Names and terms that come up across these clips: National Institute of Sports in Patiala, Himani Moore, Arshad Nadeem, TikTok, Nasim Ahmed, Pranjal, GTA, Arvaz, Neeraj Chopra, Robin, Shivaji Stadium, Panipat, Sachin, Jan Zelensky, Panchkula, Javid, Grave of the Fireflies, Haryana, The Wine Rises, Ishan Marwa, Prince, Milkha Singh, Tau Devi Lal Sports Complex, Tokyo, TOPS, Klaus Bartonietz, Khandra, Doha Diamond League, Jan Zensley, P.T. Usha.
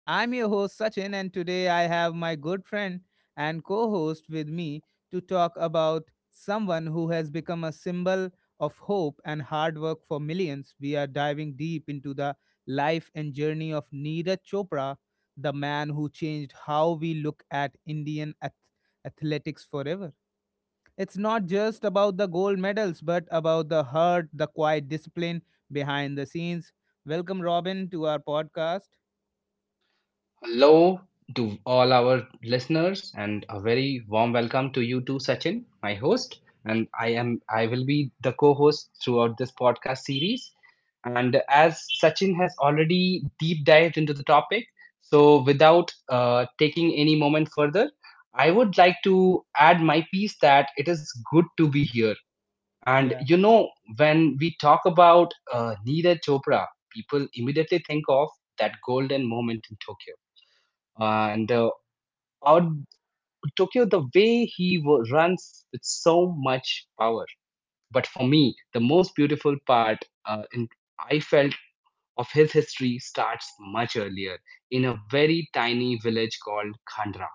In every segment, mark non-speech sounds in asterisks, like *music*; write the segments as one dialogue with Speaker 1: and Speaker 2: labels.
Speaker 1: I'm your host, Sachin, and today I have my good friend and co host with me to talk about someone who has become a symbol of hope and hard work for millions. We are diving deep into the life and journey of Neeraj Chopra, the man who changed how we look at Indian athletics forever. It's not just about the gold medals, but about the heart, the quiet discipline behind the scenes. Welcome, Robin, to our podcast.
Speaker 2: Hello to all our listeners and a very warm welcome to you too, Sachin, my host. And I will be the co-host throughout this podcast series. And as Sachin has already deep dived into the topic, so without taking any moment further, I would like to add my piece that it is good to be here. And
Speaker 1: Yeah,
Speaker 2: when we talk about Neeraj Chopra, people immediately think of that golden moment in Tokyo, and uh, out the way he runs with so much power. But for me, the most beautiful part, uh, in, I felt, of his history starts much earlier in a very tiny village called Khandra.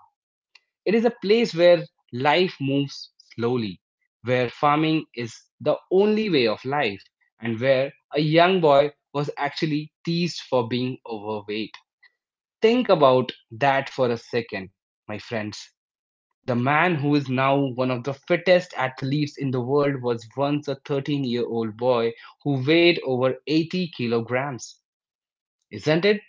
Speaker 2: It is a place where life moves slowly, where farming is the only way of life, and where a young boy was actually teased for being overweight. Think about that for a second, my friends. The man who is now one of the fittest athletes in the world was once a 13-year-old boy who weighed over 80 kilograms. Isn't it?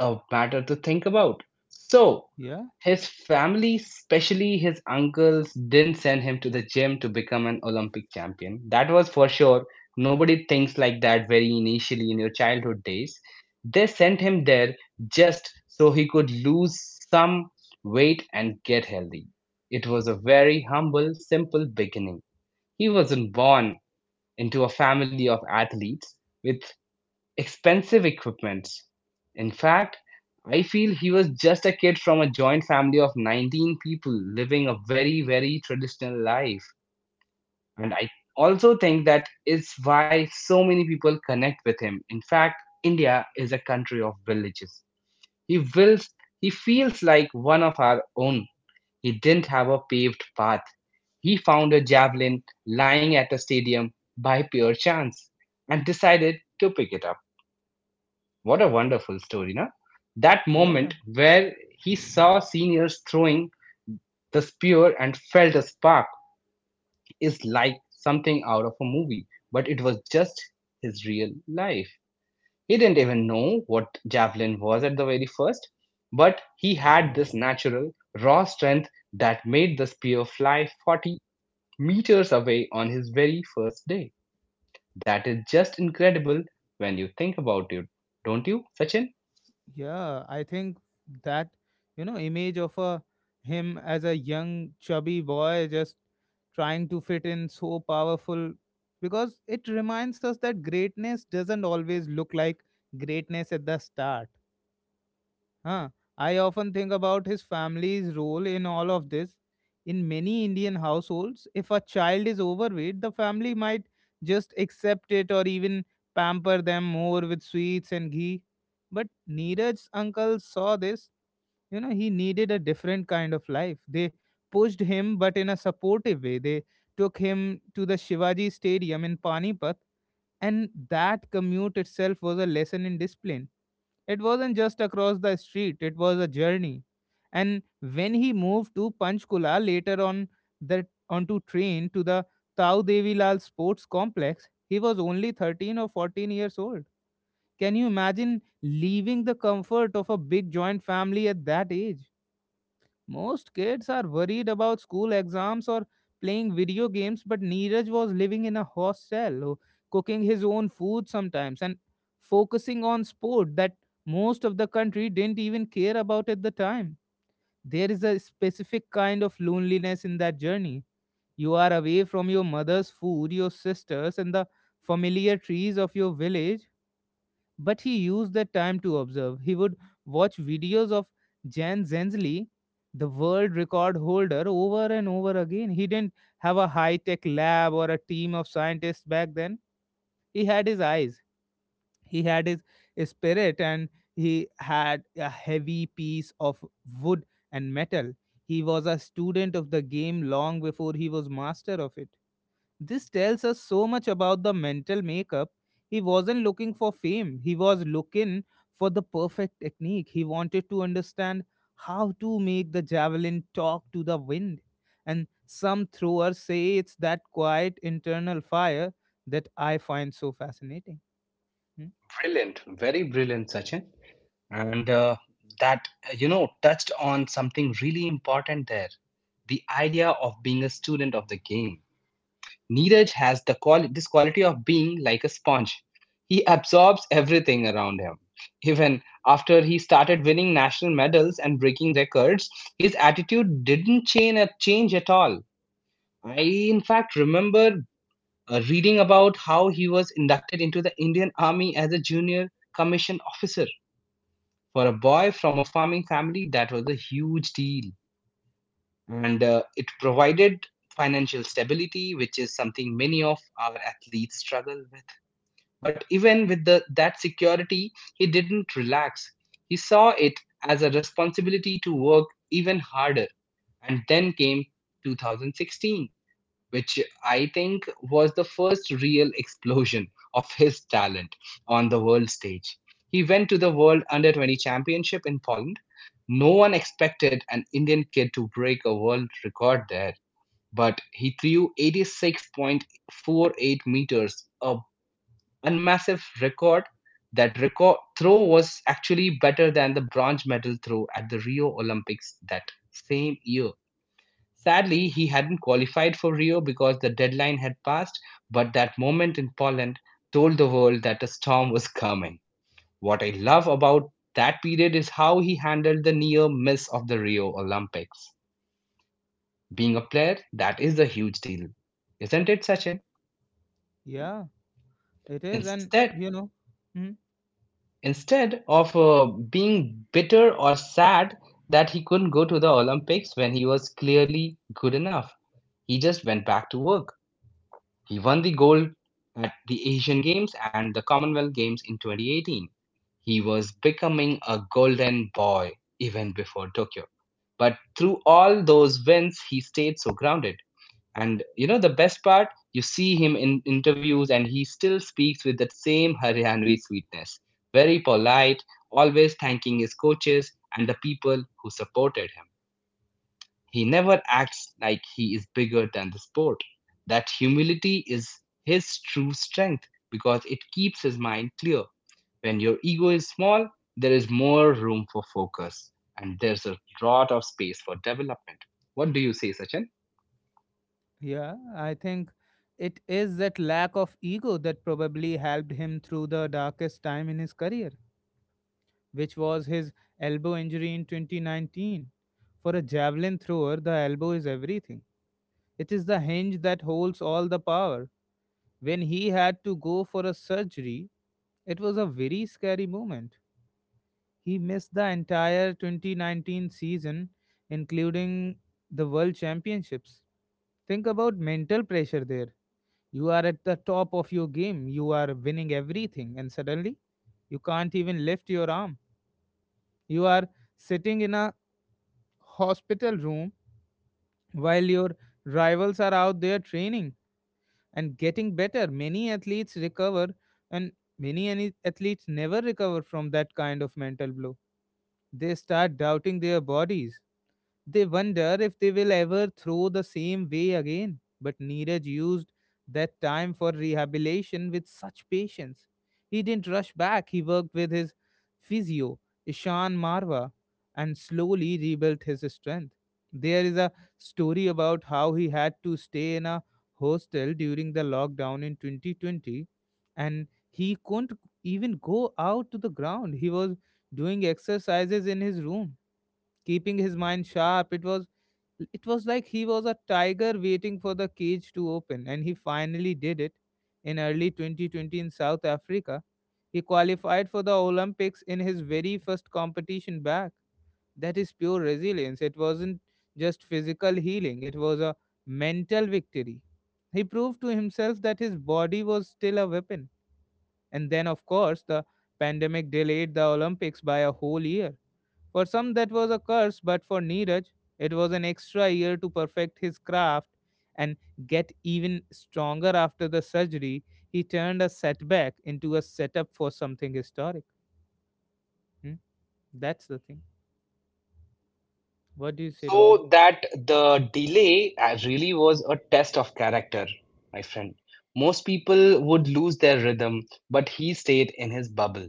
Speaker 2: A matter to think about. So,
Speaker 1: yeah,
Speaker 2: his family, especially his uncles, didn't send him to the gym to become an Olympic champion. That was for sure. Nobody thinks like that very initially in your childhood days. They sent him there just so he could lose some weight and get healthy. It was a very humble, simple beginning. He wasn't born into a family of athletes with expensive equipments. In fact, I feel he was just a kid from a joint family of 19 people living a very, very traditional life. And I also think that is why so many people connect with him. In fact, India is a country of villages. He wills, he feels like one of our own. He didn't have a paved path. He found a javelin lying at a stadium by pure chance and decided to pick it up. What a wonderful story, na? That
Speaker 1: yeah,
Speaker 2: moment where he saw seniors throwing the spear and felt a spark is like something out of a movie, but it was just his real life. He didn't even know what javelin was at the very first, but he had this natural, raw strength that made the spear fly 40 meters away on his very first day. That is just incredible when you think about it, don't you, Sachin?
Speaker 1: yeah. I think that image of him as a young, chubby boy just trying to fit in so powerful because it reminds us that greatness doesn't always look like greatness at the start. Huh. I often think about his family's role in all of this. In many Indian households, if a child is overweight, the family might just accept it or even pamper them more with sweets and ghee. But Neeraj's uncle saw this. You know, he needed a different kind of life. They pushed him, but in a supportive way. They took him to the Shivaji Stadium in Panipat, and that commute itself was a lesson in discipline. It wasn't just across the street, it was a journey. And when he moved to Panchkula later on, the onto train to the Tau Devi Lal Sports Complex, he was only 13 or 14 years old. Can you imagine leaving the comfort of a big joint family at that age? Most kids are worried about school exams or playing video games, but Neeraj was living in a hostel, cooking his own food sometimes, and focusing on sport that most of the country didn't even care about at the time. There is a specific kind of loneliness in that journey. You are away from your mother's food, your sisters, and the familiar trees of your village, but he used that time to observe. He would watch videos of Jan Zensley, the world record holder, over and over again. He didn't have a high tech lab or a team of scientists back then. He had his eyes, he had his spirit, and he had a heavy piece of wood and metal. He was a student of the game long before he was master of it. This tells us so much about the mental makeup. He wasn't looking for fame, he was looking for the perfect technique. He wanted to understand how to make the javelin talk to the wind. And some throwers say it's that quiet internal fire that I find so fascinating. Hmm?
Speaker 2: Brilliant, very brilliant, Sachin. And that touched on something really important there, the idea of being a student of the game. Neeraj has the this quality of being like a sponge. He absorbs everything around him. Even after he started winning national medals and breaking records, his attitude didn't change at all. I, in fact, remember reading about how he was inducted into the Indian Army as a junior commissioned officer, for a boy from a farming family, that was a huge deal. And it provided financial stability, which is something many of our athletes struggle with. But even with that security, he didn't relax. He saw it as a responsibility to work even harder. And then came 2016, which I think was the first real explosion of his talent on the world stage. He went to the World Under 20 Championship in Poland. No one expected an Indian kid to break a world record there, but he threw 86.48 meters, a massive record. That record throw was actually better than the bronze medal throw at the Rio Olympics that same year. Sadly, he hadn't qualified for Rio because the deadline had passed, but that moment in Poland told the world that a storm was coming. What I love about that period is how he handled the near miss of the Rio Olympics. Being a player, that is a huge deal, isn't it, Sachin?
Speaker 1: Yeah, it is. And,
Speaker 2: Instead,
Speaker 1: you know, hmm,
Speaker 2: instead of being bitter or sad that he couldn't go to the Olympics when he was clearly good enough, he just went back to work. He won the gold at the Asian Games and the Commonwealth Games in 2018. He was becoming a golden boy even before Tokyo. But through all those wins, he stayed so grounded. And you know, the best part, you see him in interviews and he still speaks with that same Haryanvi sweetness. Very polite, always thanking his coaches and the people who supported him. He never acts like he is bigger than the sport. That humility is his true strength because it keeps his mind clear. When your ego is small, there is more room for focus, and there's a lot of space for development. What do you say, Sachin?
Speaker 1: yeah, I think it is that lack of ego that probably helped him through the darkest time in his career, which was his elbow injury in 2019. For a javelin thrower, the elbow is everything. It is the hinge that holds all the power. When he had to go for a surgery, it was a very scary moment. He missed the entire 2019 season, including the World Championships. Think about mental pressure there. You are at the top of your game, you are winning everything, and suddenly you can't even lift your arm. You are sitting in a hospital room while your rivals are out there training and getting better. Many athletes recover, and athletes never recover from that kind of mental blow. They start doubting their bodies. They wonder if they will ever throw the same way again. But Neeraj used that time for rehabilitation with such patience. He didn't rush back, he worked with his physio, Ishan Marwa, and slowly rebuilt his strength. There is a story about how he had to stay in a hostel during the lockdown in 2020 and he couldn't even go out to the ground. He was doing exercises in his room, keeping his mind sharp. It was it was like he was a tiger waiting for the cage to open, and he finally did it in early 2020. In South Africa he qualified for the Olympics in his very first competition back. That is pure resilience. It wasn't just physical healing, it was a mental victory. He proved to himself that his body was still a weapon. And then of course the pandemic delayed the Olympics by a whole year. For some, that was a curse, but for Neeraj, it was an extra year to perfect his craft and get even stronger after the surgery. He turned a setback into a setup for something historic. Hmm? That's the thing. What do you say, Robin?
Speaker 2: So that the delay really was a test of character, my friend. Most people would lose their rhythm, but he stayed in his bubble.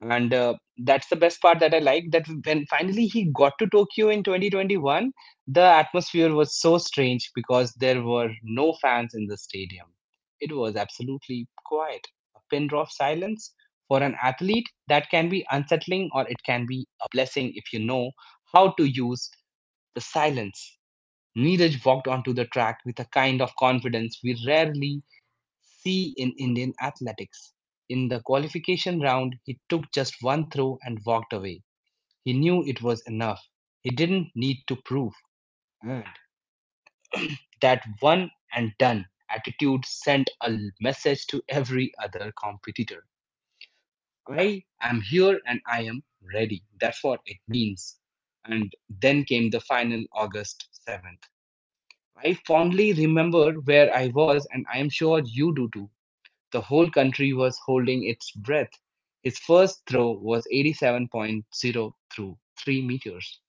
Speaker 2: And that's the best part that I like, that when finally he got to Tokyo in 2021, the atmosphere was so strange because there were no fans in the stadium. It was absolutely quiet, a pin drop silence. For an athlete, that can be unsettling, or it can be a blessing if you know how to use the silence. Neeraj walked onto the track with a kind of confidence we rarely see in Indian athletics. In the qualification round, he took just one throw and walked away. He knew it was enough. He didn't need to prove. Mm. That one and done attitude sent a message to every other competitor. I am here and I am ready. That's what it means. And then came the final, August 7th. I fondly remember where I was, and I am sure you do too. The whole country was holding its breath. His first throw was 87.0 through 3 meters.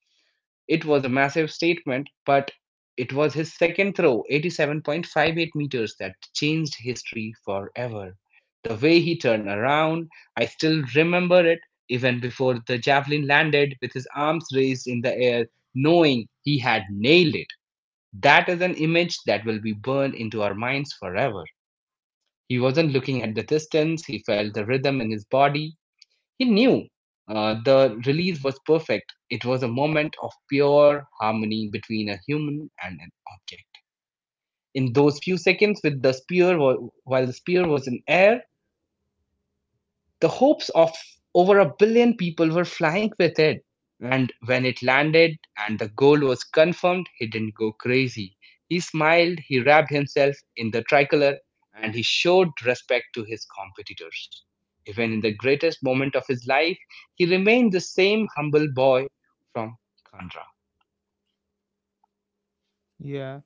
Speaker 2: It was a massive statement, but it was his second throw, 87.58 meters, that changed history forever. The way he turned around, I still remember it, even before the javelin landed, with his arms raised in the air, knowing he had nailed it. That is an image that will be burned into our minds forever. He wasn't looking at the distance, he felt the rhythm in his body. He knew the release was perfect. It was a moment of pure harmony between a human and an object. In those few seconds, with the spear, while the spear was in air, the hopes of over a billion people were flying with it. And when it landed and the goal was confirmed, he didn't go crazy. He smiled, he wrapped himself in the tricolor, and he showed respect to his competitors. Even in the greatest moment of his life, he remained the same humble boy from Kandra.
Speaker 1: Yeah.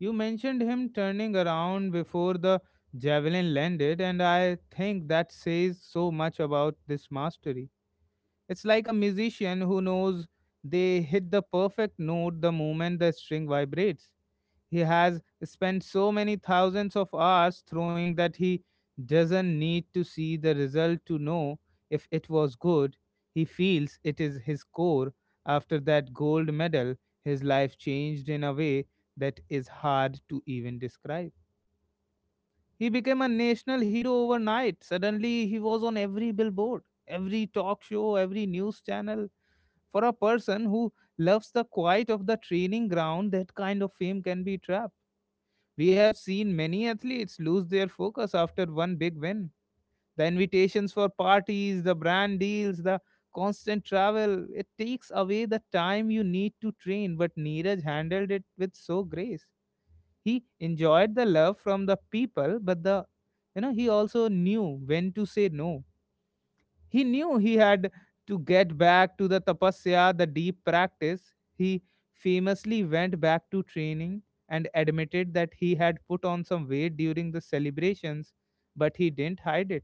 Speaker 1: You mentioned him turning around before the javelin landed, and I think that says so much about this mastery. It's like a musician who knows they hit the perfect note the moment the string vibrates. He has spent so many thousands of hours throwing that he doesn't need to see the result to know if it was good. He feels it is his core. After that gold medal, his life changed in a way that is hard to even describe. He became a national hero overnight. Suddenly, he was on every billboard, every talk show, every news channel. For a person who loves the quiet of the training ground, that kind of fame can be trapped. We have seen many athletes lose their focus after one big win. The invitations for parties, the brand deals, the constant travel, it takes away the time you need to train, but Neeraj handled it with so grace. He enjoyed the love from the people, but the you know he also knew when to say no. He knew he had to get back to the tapasya, the deep practice. He famously went back to training and admitted that he had put on some weight during the celebrations, but he didn't hide it.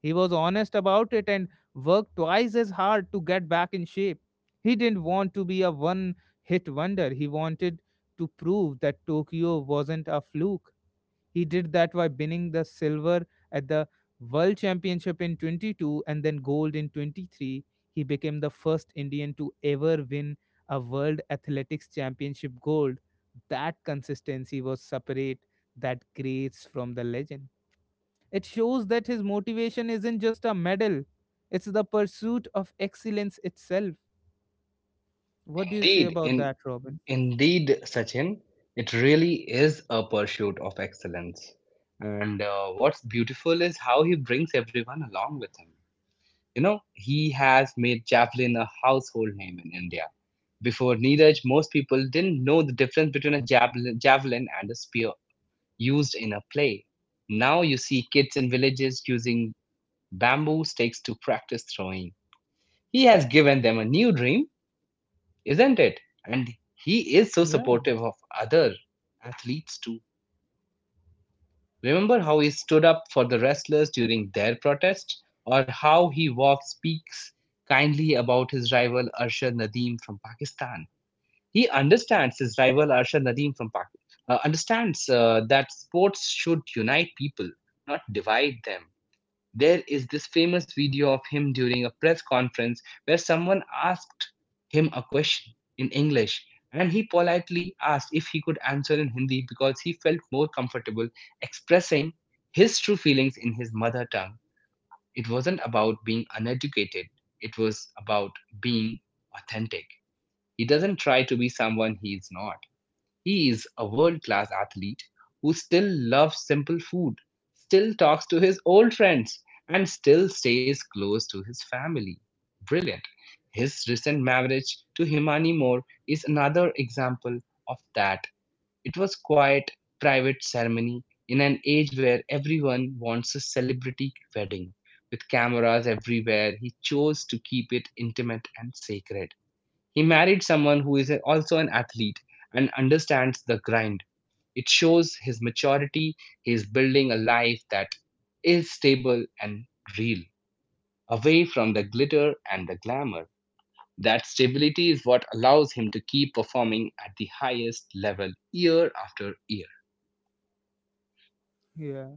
Speaker 1: He was honest about it and worked twice as hard to get back in shape. He didn't want to be a one hit wonder. He wanted to prove that Tokyo wasn't a fluke. He did that by winning the silver at the World Championship in 22 and then gold in 23. He became the first Indian to ever win a World Athletics Championship gold. That consistency was separate that creates from the legend. It shows that his motivation isn't just a medal, it's the pursuit of excellence itself. What do you say
Speaker 2: Indeed,
Speaker 1: about
Speaker 2: in,
Speaker 1: that, Robin?
Speaker 2: indeed, Sachin, it really is a pursuit of excellence. And what's beautiful is how he brings everyone along with him. You know, he has made javelin a household name in India. Before Neeraj, most people didn't know the difference between a javelin and a spear used in a play. Now you see kids in villages using bamboo sticks to practice throwing. He has given them a new dream, isn't it? And he is so
Speaker 1: Yeah,
Speaker 2: supportive of other athletes too. Remember how he stood up for the wrestlers during their protest, or how he speaks kindly about his rival Arshad Nadeem from Pakistan. He understands his rival Arshad Nadeem from Pakistan, understands that sports should unite people, not divide them. There is this famous video of him during a press conference where someone asked him a question in English, and he politely asked if he could answer in Hindi because he felt more comfortable expressing his true feelings in his mother tongue. It wasn't about being uneducated, it was about being authentic. He doesn't try to be someone he is not. He is a world-class athlete who still loves simple food, still talks to his old friends, and still stays close to his family. Brilliant. His recent marriage to Himani Moore is another example of that. It was quiet, private ceremony in an age where everyone wants a celebrity wedding. With cameras everywhere, he chose to keep it intimate and sacred. He married someone who is also an athlete and understands the grind. It shows his maturity. He is building a life that is stable and real, away from the glitter and the glamour. That stability is what allows him to keep performing at the highest level year after year.
Speaker 1: yeah.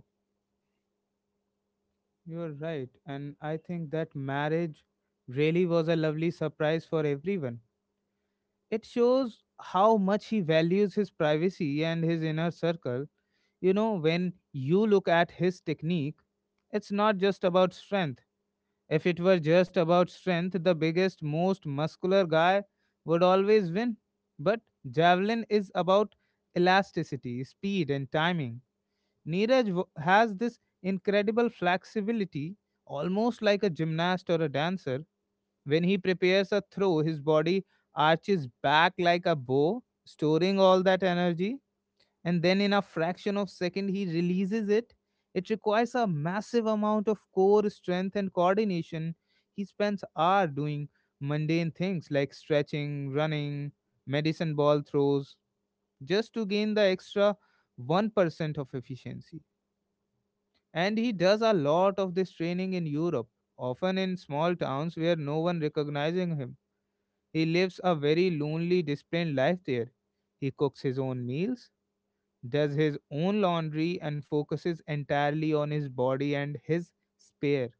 Speaker 1: You're right. And I think that marriage really was a lovely surprise for everyone. It shows how much he values his privacy and his inner circle. You know, when you look at his technique, it's not just about strength. If it were just about strength, the biggest, most muscular guy would always win. But javelin is about elasticity, speed, and timing. Neeraj has this incredible flexibility, almost like a gymnast or a dancer. When he prepares a throw, his body arches back like a bow, storing all that energy, and then in a fraction of second he releases it. It requires a massive amount of core strength and coordination. He spends hours doing mundane things like stretching, running, medicine ball throws, just to gain the extra 1% of efficiency. And he does a lot of this training in Europe, often in small towns where no one recognizing him. He lives a very lonely, disciplined life there. He cooks his own meals, does his own laundry, and focuses entirely on his body and his spare.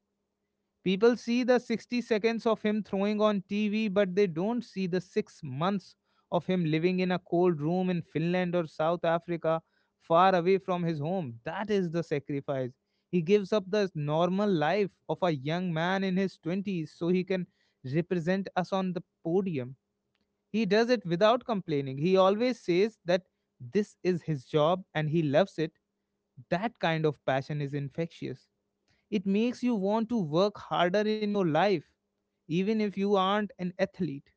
Speaker 1: People see the 60 seconds of him throwing on TV, but they don't see the 6 months of him living in a cold room in Finland or South Africa, far away from his home. That is the sacrifice. He gives up the normal life of a young man in his 20s so he can represent us on the podium. He does it without complaining. He always says that this is his job and he loves it. That kind of passion is infectious. It makes you want to work harder in your life, even if you aren't an athlete.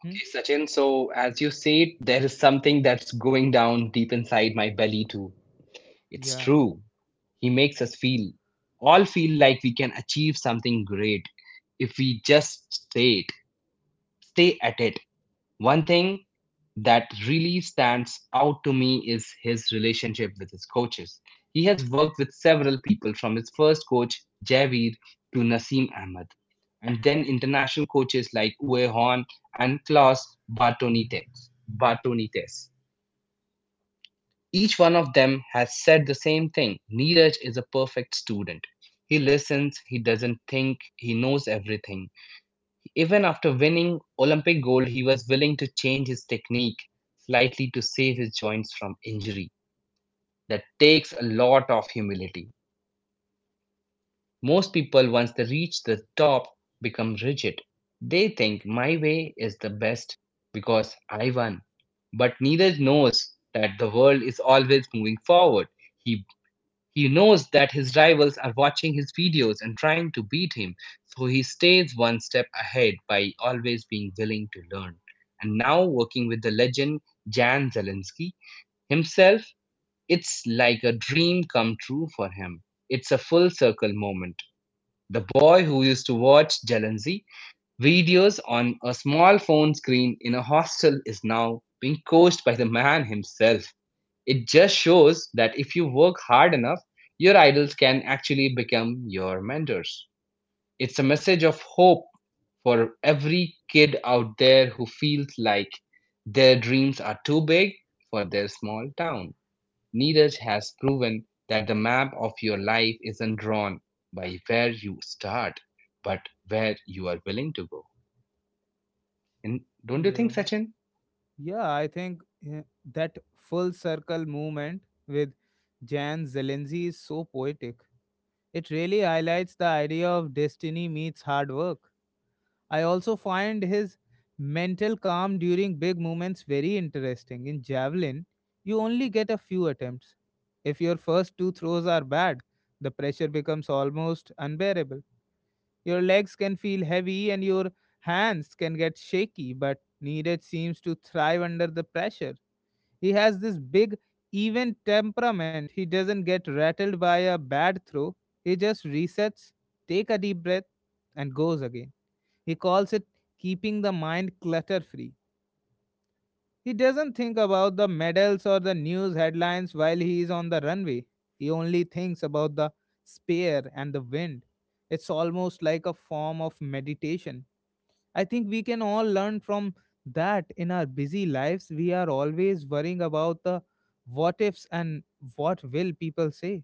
Speaker 1: Hmm?
Speaker 2: Okay, Sachin, so as you say, there is something that's going down deep inside my belly too. It's
Speaker 1: Yeah,
Speaker 2: true. He makes us all feel like we can achieve something great if we just say it, stay at it. One thing that really stands out to me is his relationship with his coaches. He has worked with several people, from his first coach, Javid, to Nasim Ahmed, and then international coaches like Uwe Horn and Klaus Bartonites. Each one of them has said the same thing Neeraj is a perfect student. He listens, he doesn't think, he knows everything. Even after winning Olympic gold, he was willing to change his technique slightly to save his joints from injury. That takes a lot of humility. Most people, once they reach the top, become rigid. They think my way is the best because I won. But neither knows that the world is always moving forward. He he knows that his rivals are watching his videos and trying to beat him, so he stays one step ahead by always being willing to learn. And now, working with the legend Jan Zelensky himself, it's like a dream come true for him. It's a full circle moment. The boy who used to watch Zelensky videos on a small phone screen in a hostel is now being coached by the man himself. It just shows that if you work hard enough, your idols can actually become your mentors. It's a message of hope for every kid out there who feels like their dreams are too big for their small town. Neeraj has proven that the map of your life isn't drawn by where you start, but where you are willing to go. And don't you
Speaker 1: yeah,
Speaker 2: think, Sachin?
Speaker 1: yeah. I think that full circle movement with Jan Zelensky is so poetic. It really highlights the idea of destiny meets hard work. I also find his mental calm during big moments very interesting. In javelin, you only get a few attempts. If your first two throws are bad, the pressure becomes almost unbearable. Your legs can feel heavy and your hands can get shaky, but Neeraj seems to thrive under the pressure. He has this big, even temperament. He doesn't get rattled by a bad throw. He just resets, take a deep breath, and goes again. He calls it keeping the mind clutter free. He doesn't think about the medals or the news headlines while he is on the runway. He only thinks about the spear and the wind. It's almost like a form of meditation. I think we can all learn from that in our busy lives. We are always worrying about the what ifs and what will people say.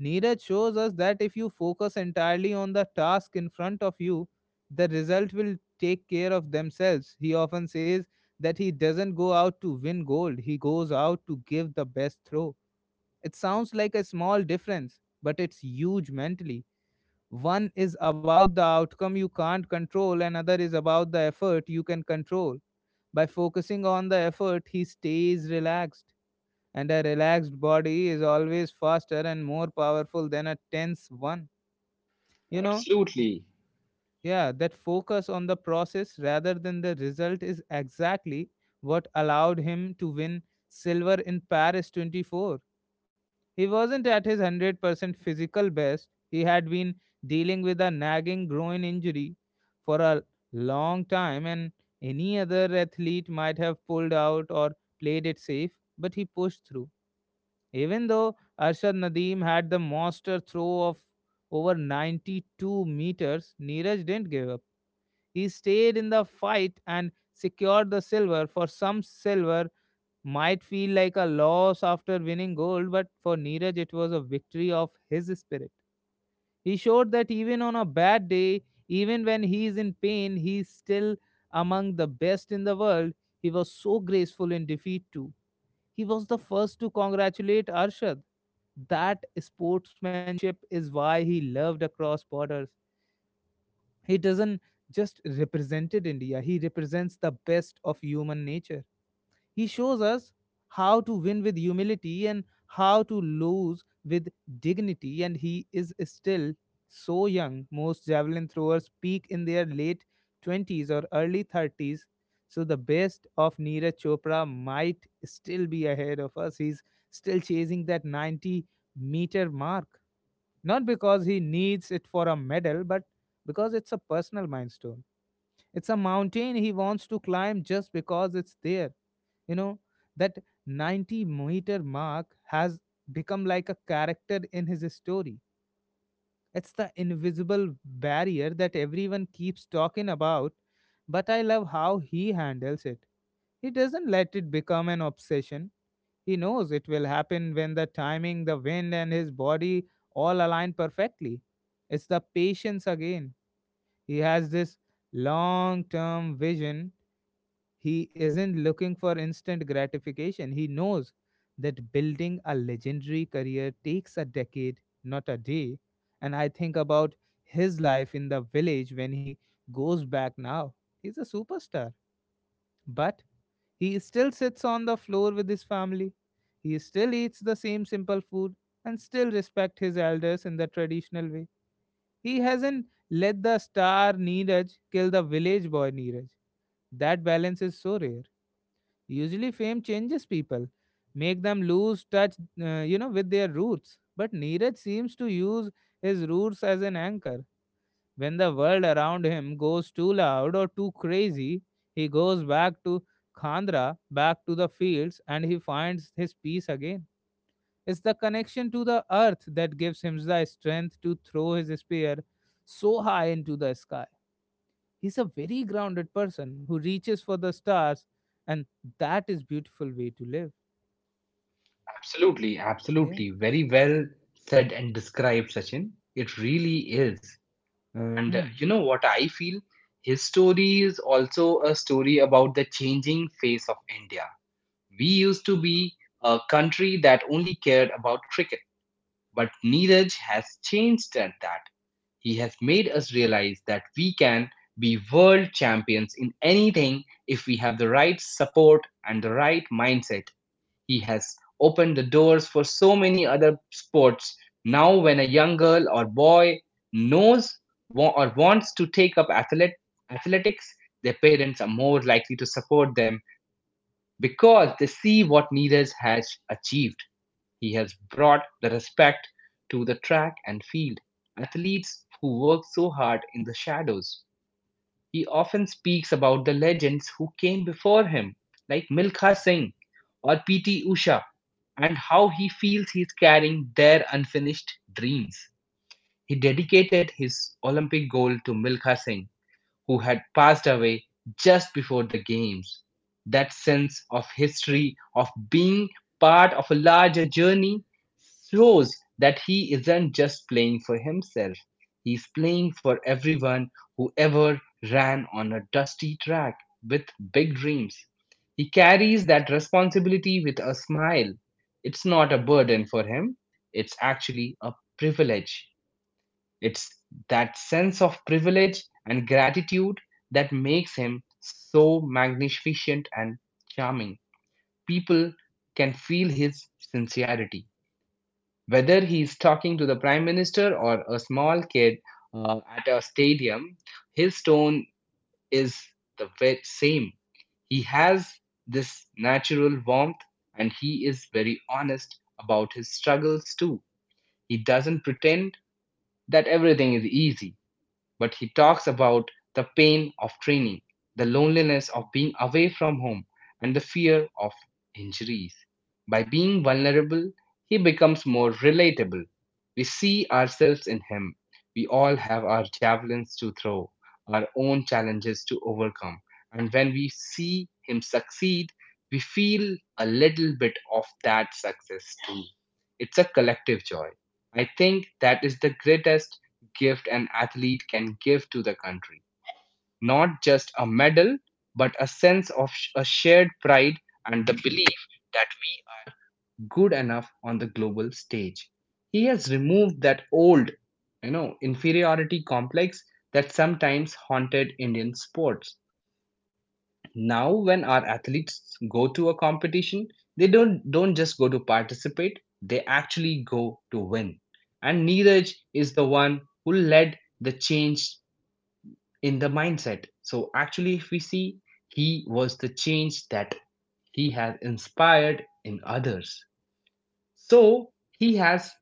Speaker 1: Neeraj shows us that if you focus entirely on the task in front of you, the result will take care of themselves. He often says that he doesn't go out to win gold, he goes out to give the best throw. It sounds like a small difference, but it's huge mentally. One is about the outcome you can't control, and another is about the effort you can control. By focusing on the effort, he stays relaxed, and a relaxed body is always faster and more powerful than a tense one. You know,
Speaker 2: Absolutely.
Speaker 1: yeah, that focus on the process rather than the result is exactly what allowed him to win silver in Paris 24. He wasn't at his 100% physical best. He had been dealing with a nagging groin injury for a long time, and any other athlete might have pulled out or played it safe, but he pushed through. Even though Arshad Nadeem had the monster throw of over 92 meters, Neeraj didn't give up. He stayed in the fight and secured the silver. For some, silver might feel like a loss after winning gold, but for Neeraj, it was a victory of his spirit. He showed that even on a bad day, even when he is in pain, he is still among the best in the world. He was so graceful in defeat too. He was the first to congratulate Arshad. That sportsmanship is why he loved across borders. He doesn't just represented India, he represents the best of human nature. He shows us how to win with humility and how to lose with dignity, and he is still so young. Most javelin throwers peak in their late 20s or early 30s, so the best of Neeraj Chopra might still be ahead of us. He's still chasing that 90-meter mark, not because he needs it for a medal, but because it's a personal milestone. It's a mountain he wants to climb just because it's there. You know, that 90-meter mark has become like a character in his story. It's the invisible barrier that everyone keeps talking about, but I love how he handles it. He doesn't let it become an obsession. He knows it will happen when the timing, the wind, and his body all align perfectly. It's the patience again. He has this long term vision. He isn't looking for instant gratification. He knows that building a legendary career takes a decade, not a day. And I think about his life in the village when he goes back now. He's a superstar, but he still sits on the floor with his family. He still eats the same simple food and still respect his elders in the traditional way. He hasn't let the star Neeraj kill the village boy Neeraj. That balance is so rare. Usually, fame changes people, make them lose touch, with their roots. But Neeraj seems to use his roots as an anchor. When the world around him goes too loud or too crazy, he goes back to Khandra, back to the fields, and he finds his peace again. It's the connection to the earth that gives him the strength to throw his spear so high into the sky. He's a very grounded person who reaches for the stars, and that is beautiful way to live.
Speaker 2: Absolutely,
Speaker 1: Yeah.
Speaker 2: absolutely. Very well said and described, Sachin. It really is. And
Speaker 1: Hmm.
Speaker 2: you know what I feel? His story is also a story about the changing face of India. We used to be a country that only cared about cricket, but Neeraj has changed at that. He has made us realize that we can be world champions in anything if we have the right support and the right mindset. He has opened the doors for so many other sports. Now, when a young girl or boy knows wa- or wants to take up athletics, their parents are more likely to support them because they see what Neeraj has achieved. He has brought the respect to the track and field athletes who work so hard in the shadows. He often speaks about the legends who came before him, like Milkha Singh or PT Usha, and how he feels he's carrying their unfinished dreams. He dedicated his Olympic gold to Milkha Singh who had passed away just before the games. That sense of history, of being part of a larger journey, shows that he isn't just playing for himself. He's playing for everyone who ever ran on a dusty track with big dreams. He carries that responsibility with a smile. It's not a burden for him, it's actually a privilege. It's that sense of privilege and gratitude that makes him so magnificent and charming. People can feel his sincerity. Whether he is talking to the prime minister or a small kid at a stadium, his tone is same. He has this natural warmth and he is very honest about his struggles too. He doesn't pretend that everything is easy but he talks about the pain of training, the loneliness of being away from home, and the fear of injuries. By being vulnerable, he becomes more relatable. We see ourselves in him. We all have our javelins to throw, our own challenges to overcome. And when we see him succeed, we feel a little bit of that success too. It's a collective joy. I think that is the greatest gift an athlete can give to the country. Not just a medal, but a sense of a shared pride and the belief that we are good enough on the global stage. He has removed that old, inferiority complex that sometimes haunted Indian sports. Now, when our athletes go to a competition, they don't just go to participate; they actually go to win, and Neeraj is the one who led the change in the mindset. So actually, if we see, he was the change that he has inspired in others. So he has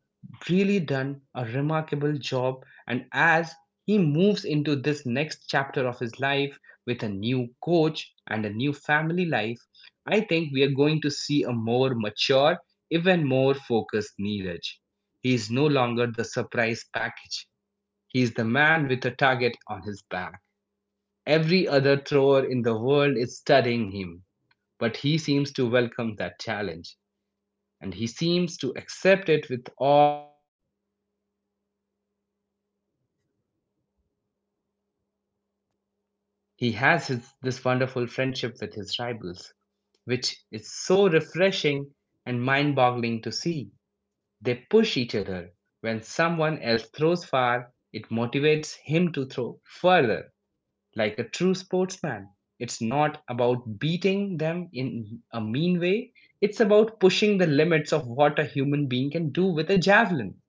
Speaker 2: really done a remarkable job. And as he moves into this next chapter of his life with a new coach and a new family life, I think we are going to see a more mature, even more focused Neeraj. He is no longer the surprise package. He is the man with a target on his back. Every other thrower in the world is studying him, but he seems to welcome that challenge, and he seems to accept it with all open hands. I feel he knows that competition makes him better. He has his, this wonderful friendship with his rivals, which is so refreshing and mind boggling to see. They push each other. When someone else throws far, it motivates him to throw further. Like a true sportsman. It's not about beating them in a mean way, it's about pushing the limits of what a human being can do with a javelin.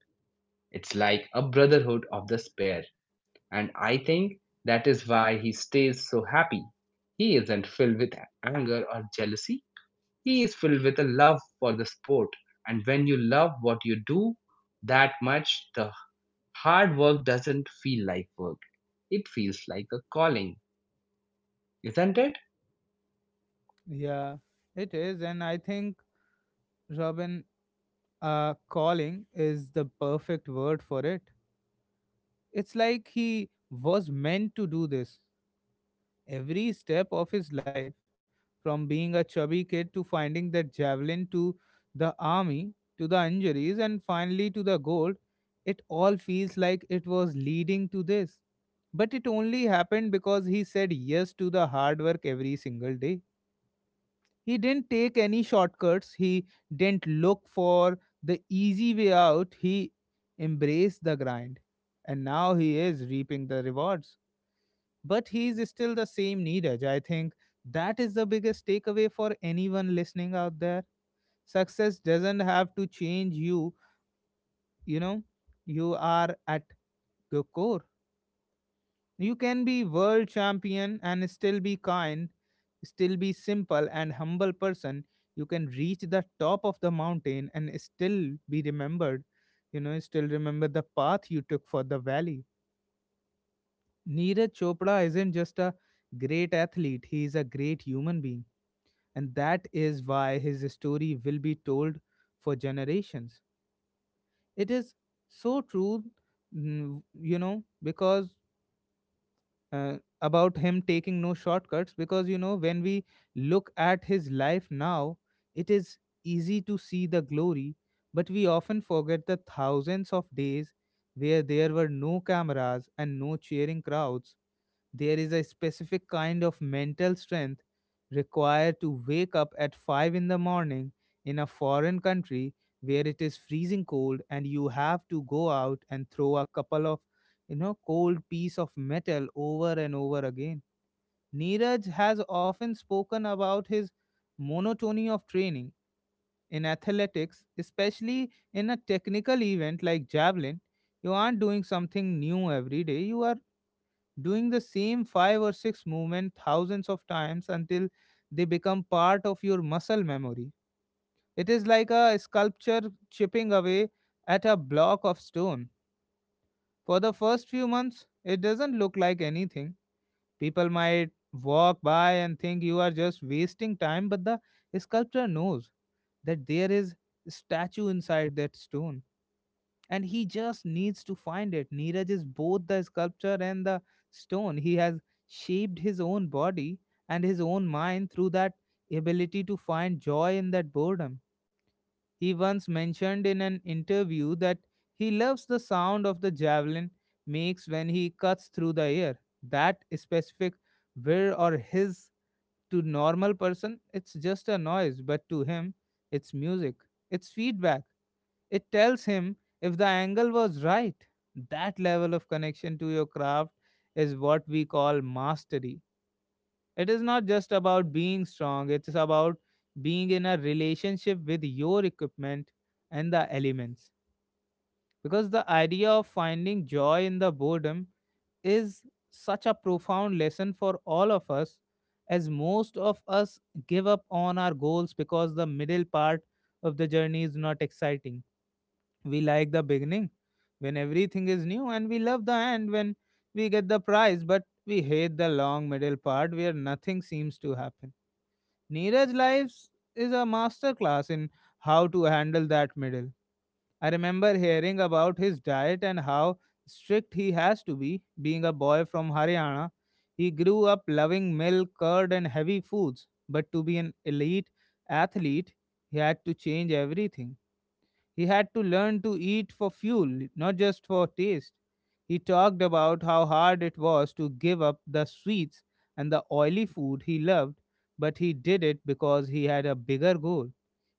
Speaker 2: It's like a brotherhood of the spear. And I think that is why he stays so happy. He isn't filled with anger or jealousy, he is filled with a love for the sport. And when you love what you do that much, the hard work doesn't feel like work, it feels like a calling, isn't it?
Speaker 1: Yeah, it is. And I think, Robin, calling is the perfect word for it. It's like he was meant to do this. Every step of his life, from being a chubby kid to finding that javelin to the army to the injuries and finally to the gold, it all feels like it was leading to this. But it only happened because he said yes to the hard work every single day. He didn't take any shortcuts. He didn't look for the easy way out. He embraced the grind. And now he is reaping the rewards. But he is still the same Neeraj. I think that is the biggest takeaway for anyone listening out there. Success doesn't have to change you. You are at your core. You can be world champion and still be kind, still be simple and humble person. You can reach the top of the mountain and still be remembered. Still remember the path you took for the valley. Neeraj Chopra isn't just a great athlete, he is a great human being. And that is why his story will be told for generations. It is so true, because about him taking no shortcuts, because when we look at his life now, it is easy to see the glory, but we often forget the thousands of days where there were no cameras and no cheering crowds. There is a specific kind of mental strength required to wake up at 5 in the morning in a foreign country where it is freezing cold and you have to go out and throw a couple of cold piece of metal over and over again. Neeraj has often spoken about his monotony of training in athletics, especially in a technical event like javelin. You aren't doing something new every day. You are doing the same five or six movement thousands of times until they become part of your muscle memory. It is like a sculpture chipping away at a block of stone. For the first few months, it doesn't look like anything. People might walk by and think you are just wasting time, but the sculptor knows that there is a statue inside that stone and he just needs to find it. Neeraj is both the sculpture and the stone. He has shaped his own body and his own mind through that ability to find joy in that boredom. He once mentioned in an interview that he loves the sound of the javelin makes when he cuts through the air. That specific whir or hiss, to normal person it's just a noise, but to him it's music, it's feedback. It tells him if the angle was right. That level of connection to your craft is what we call mastery. It is not just about being strong, it's about being in a relationship with your equipment and the elements, because the idea of finding joy in the boredom is such a profound lesson for all of us, as most of us give up on our goals because the middle part of the journey is not exciting. We like the beginning when everything is new, and we love the end when we get the prize, but we hate the long middle part where nothing seems to happen. Neeraj Lives is a masterclass in how to handle that middle. I remember hearing about his diet and how strict he has to be, being a boy from Haryana. He grew up loving milk, curd, and heavy foods, but to be an elite athlete, he had to change everything. He had to learn to eat for fuel, not just for taste. He talked about how hard it was to give up the sweets and the oily food he loved, but he did it because he had a bigger goal.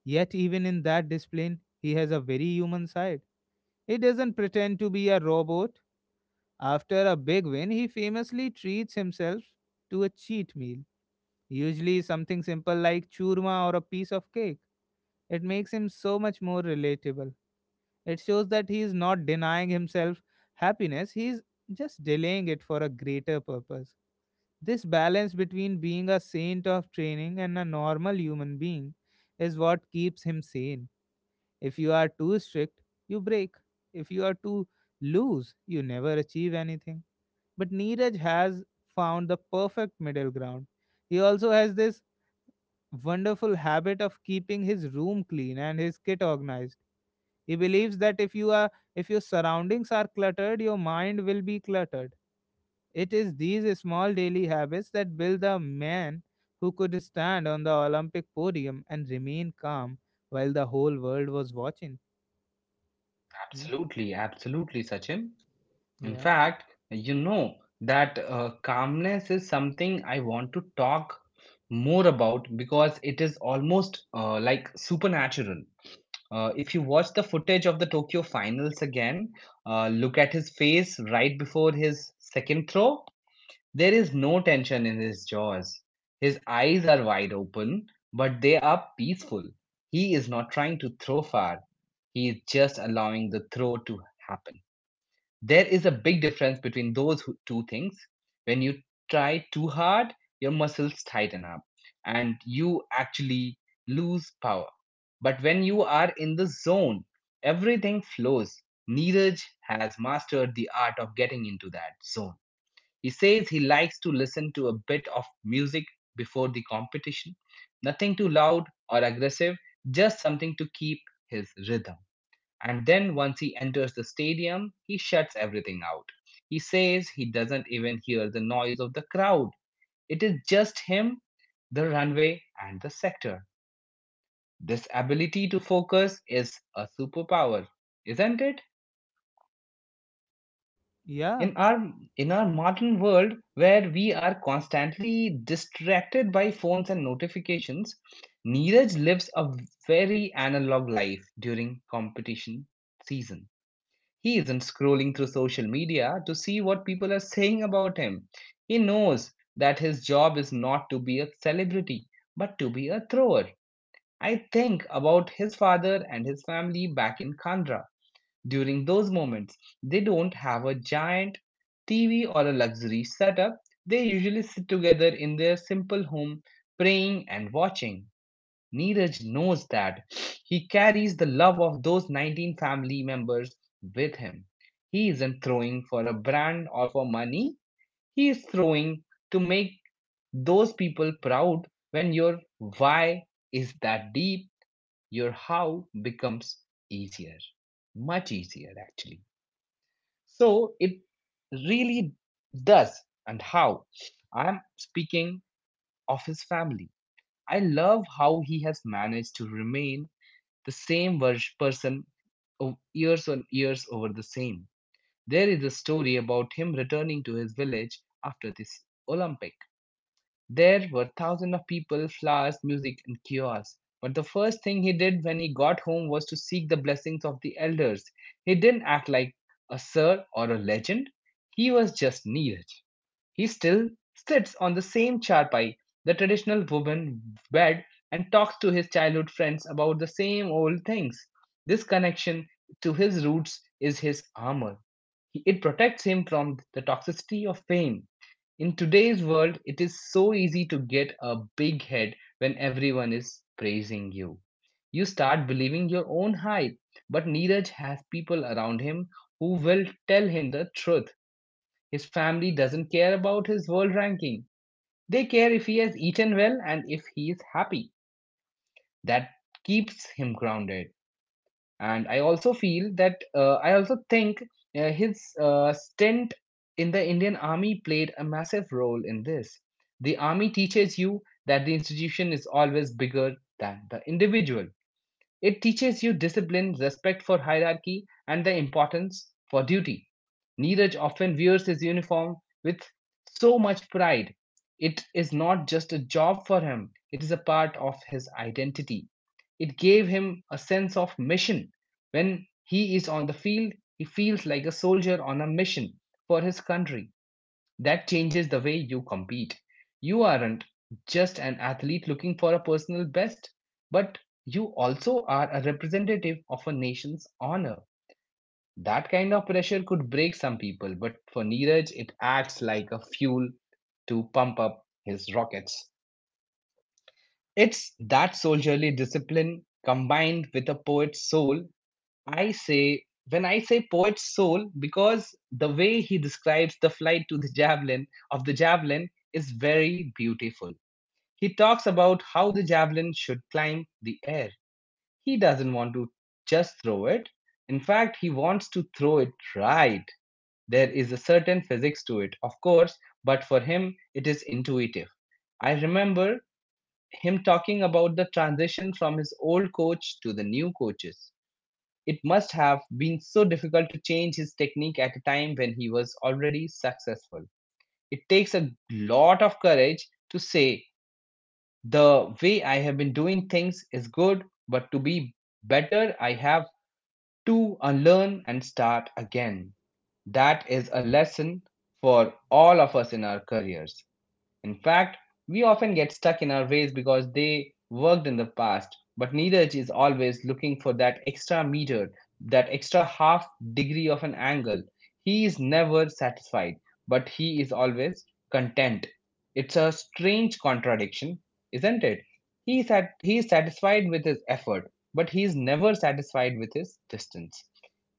Speaker 1: Yet, even in that discipline, he has a very human side. He doesn't pretend to be a robot. After a big win, he famously treats himself to a cheat meal, usually something simple like churma or a piece of cake. It makes him so much more relatable. It shows that he is not denying himself happiness, he is just delaying it for a greater purpose. This balance between being a saint of training and a normal human being is what keeps him sane. If you are too strict, you break. If you are too loose, you never achieve anything. But Neeraj has found the perfect middle ground. He also has this wonderful habit of keeping his room clean and his kit organized. He believes that if you are if your surroundings are cluttered, your mind will be cluttered. It is these small daily habits that build the man who could stand on the Olympic podium and remain calm while the whole world was watching. Hmm?
Speaker 2: Absolutely, absolutely, Sachin. In
Speaker 1: Yeah.
Speaker 2: fact, you know that calmness is something I want to talk more about because it is almost like supernatural. If you watch the footage of the Tokyo finals again, look at his face right before his second throw. There is no tension in his jaws. His eyes are wide open, but they are peaceful. He is not trying to throw far. He is just allowing the throw to happen. There is a big difference between two things. When you try too hard, your muscles tighten up and you actually lose power. But when you are in the zone, everything flows. Neeraj has mastered the art of getting into that zone. He says he likes to listen to a bit of music before the competition, nothing too loud or aggressive, just something to keep his rhythm. And then once he enters the stadium, he shuts everything out. He says he doesn't even hear the noise of the crowd. It is just him, the runway, and the sector. This ability to focus is a superpower, isn't it?
Speaker 1: Yeah,
Speaker 2: In our in our modern world where we are constantly distracted by phones and notifications, Neeraj lives a very analog life during competition season. He isn't scrolling through social media to see what people are saying about him. He knows that his job is not to be a celebrity but to be a thrower. I think about his father and his family back in Kandra during those moments. They don't have a giant TV or a luxury setup. They usually sit together in their simple home, praying and watching. Neeraj knows that he carries the love of those 19 family members with him. He isn't throwing for a brand or for money, he is throwing to make those people proud. When your why is that deep, your how becomes easier, much easier actually. So it really does. And how? I'm speaking of his family. I love how he has managed to remain person years and years over the same. There is a story about him returning to his village after this Olympic, there were thousands of people, flowers, music, and kiosks. But the first thing he did when he got home was to seek the blessings of the elders. He didn't act like a sir or a legend. He was just needed. He still sits on the same charpai, the traditional woven bed, and talks to his childhood friends about the same old things. This connection to his roots is his armor. It protects him from the toxicity of fame. In today's world, it is so easy to get a big head when everyone is praising you. You start believing your own hype, but Neeraj has people around him who will tell him the truth. His family doesn't care about his world ranking. They care if he has eaten well and if he is happy. That keeps him grounded. And I also feel that I also think his stint in the Indian army played a massive role in this. The army teaches you that the institution is always bigger than the individual. It teaches you discipline, respect for hierarchy, and the importance for duty. Neeraj often wears his uniform with so much pride. It is not just a job for him, it is a part of his identity. It gave him a sense of mission. When he is on the field, he feels like a soldier on a mission for his country. That changes the way you compete. You aren't just an athlete looking for a personal best, but you also are a representative of a nation's honor. That kind of pressure could break some people, but for Neeraj, it acts like a fuel to pump up his rockets. It's that soldierly discipline combined with a poet's soul I say, when I say poet's soul, because the way he describes the flight to the javelin of the javelin is very beautiful. He talks about how the javelin should climb the air. He doesn't want to just throw it. In fact, he wants to throw it right. There is a certain physics to it, of course, but for him, it is intuitive. I remember him talking about the transition from his old coach to the new coaches. It must have been so difficult to change his technique at a time when he was already successful. It takes a lot of courage to say, the way I have been doing things is good, but to be better, I have to unlearn and start again. That is a lesson for all of us in our careers. In fact, we often get stuck in our ways because they worked in the past, but Neeraj is always looking for that extra meter, that extra half degree of an angle. He is never satisfied, but he is always content. It's a strange contradiction, isn't it? He is satisfied with his effort, but he is never satisfied with his distance.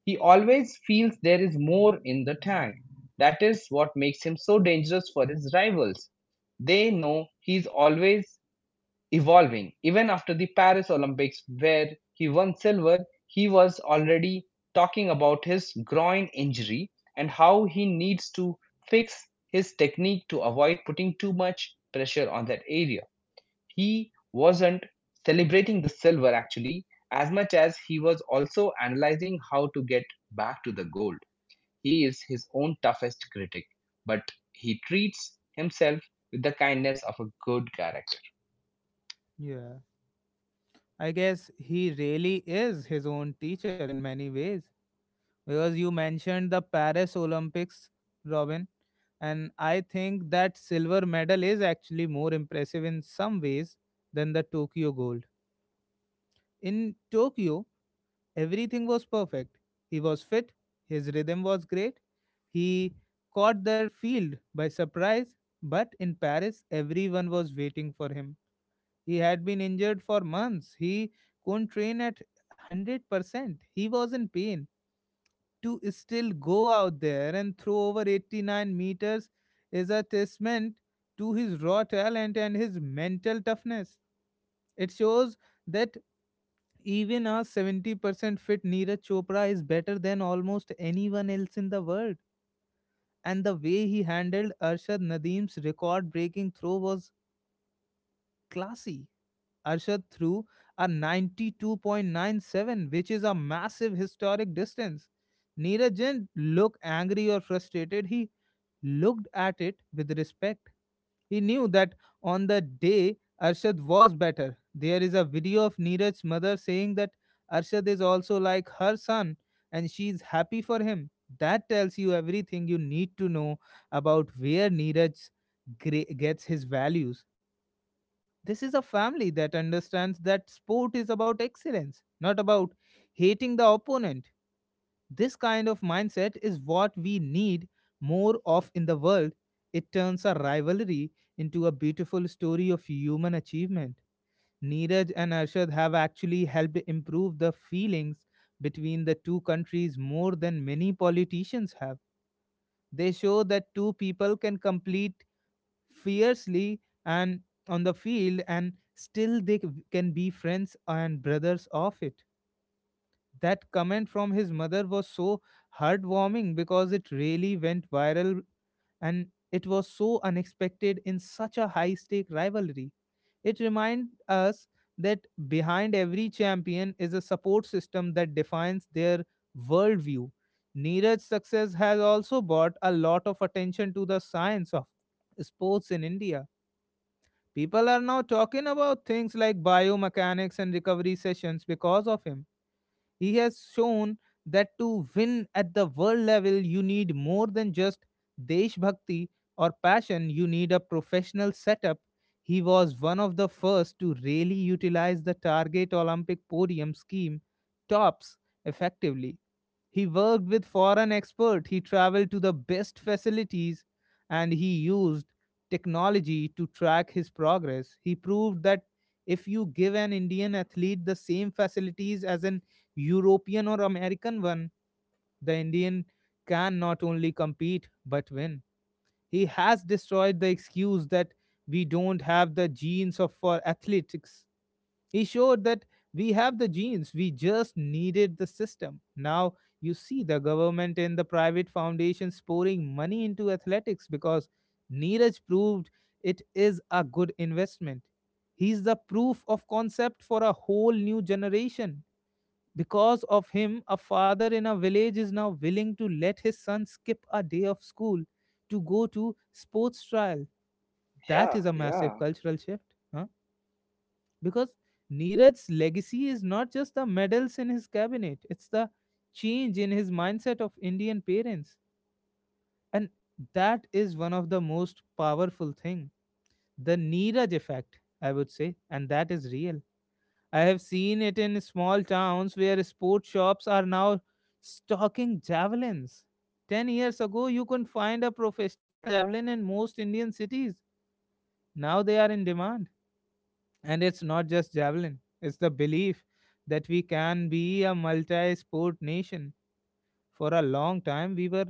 Speaker 2: He always feels there is more in the tank. That is what makes him so dangerous for his rivals. They know he's always evolving. Even after the Paris Olympics, where he won silver, he was already talking about his groin injury and how he needs to fix his technique to avoid putting too much pressure on that area. He wasn't celebrating the silver actually, as much as he was also analyzing how to get back to the gold. He is his own toughest critic, but he treats himself with the kindness of a good character.
Speaker 1: yeah, I guess he really is his own teacher in many ways. Because you mentioned the Paris Olympics, Robin, and I think that silver medal is actually more impressive in some ways than the Tokyo gold. In Tokyo, everything was perfect. He was fit, his rhythm was great, he caught the field by surprise, but in Paris, everyone was waiting for him. He had been injured for months. He couldn't train at 100%. He was in pain. To still go out there and throw over 89 meters is a testament to his raw talent and his mental toughness. It shows that even a 70% fit Neeraj Chopra is better than almost anyone else in the world. And the way he handled Arshad Nadeem's record breaking throw was classy. Arshad threw a 92.97, which is a massive historic distance. Neeraj didn't look angry or frustrated. He looked at it with respect. He knew that on the day Arshad was better. There is a video of Neeraj's mother saying that Arshad is also like her son and she is happy for him. That tells you everything you need to know about where Neeraj gets his values. This is a family that understands that sport is about excellence, not about hating the opponent. This kind of mindset is what we need more of in the world. It turns a rivalry into a beautiful story of human achievement. Neeraj and Arshad have actually helped improve the feelings between the two countries more than many politicians have. They show that two people can complete fiercely and on the field and still can be friends and brothers of it. That comment from his mother was so heartwarming because it really went viral, and it was so unexpected in such a high stake rivalry. It reminds us that behind every champion is a support system that defines their worldview. Neeraj's success has also brought a lot of attention to the science of sports in India. People are now talking about things like biomechanics and recovery sessions because of him. He has shown that to win at the world level, you need more than just Deshbhakti or passion, you need a professional setup. He was one of the first to really utilize the target Olympic podium scheme, tops, effectively. He worked with foreign experts, he traveled to the best facilities, and he used technology to track his progress. He proved that if you give an Indian athlete the same facilities as an European or American one, the Indian can not only compete but win. He has destroyed the excuse that we don't have the genes of for athletics. He showed that we have the genes, we just needed the system. Now you see the government and the private foundations pouring money into athletics because Neeraj proved it is a good investment. He's the proof of concept for a whole new generation. Because of him, a father in a village is now willing to let his son skip a day of school to go to sports trial. That
Speaker 2: Yeah,
Speaker 1: is a massive
Speaker 2: yeah.
Speaker 1: cultural shift. Huh? Because Neeraj's legacy is not just the medals in his cabinet, it's the change in his mindset of Indian parents. And that is one of the most powerful thing. The Neeraj effect, I would say, and that is real. I have seen it in small towns where sports shops are now stocking javelins. 10 years ago, you couldn't find a professional javelin in most Indian cities. Now they are in demand. And it's not just javelin, it's the belief that we can be a multi sport nation. For a long time, we were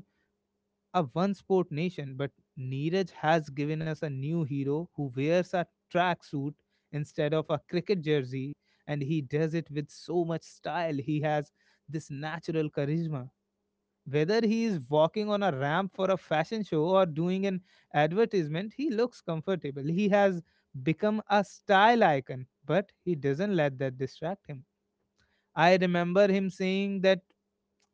Speaker 1: a one sport nation, but Neeraj has given us a new hero who wears a tracksuit instead of a cricket jersey, and he does it with so much style. He has this natural charisma. Whether he is walking on a ramp for a fashion show or doing an advertisement, he looks comfortable. He has become a style icon, but he doesn't let that distract him. I remember him saying that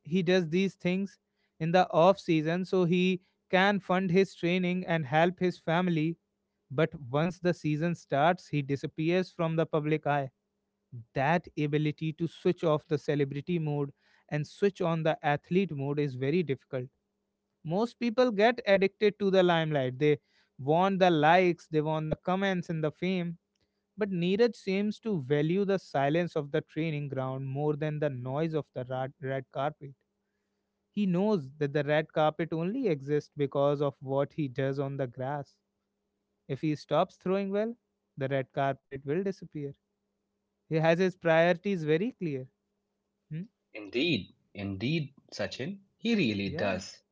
Speaker 1: he does these things in the off season so he can fund his training and help his family. But once the season starts he disappears from the public eye. That ability to switch off the celebrity mode and switch on the athlete mode is very difficult. Most people get addicted to the limelight. They want the likes, they want the comments and the fame, but Neeraj seems to value the silence of the training ground more than the noise of the red carpet. He knows that the red carpet only exists because of what he does on the grass. If he stops throwing well, the red carpet will disappear. He has his priorities very clear. Hmm?
Speaker 2: Indeed, indeed, Sachin, he really
Speaker 1: Yeah.
Speaker 2: does.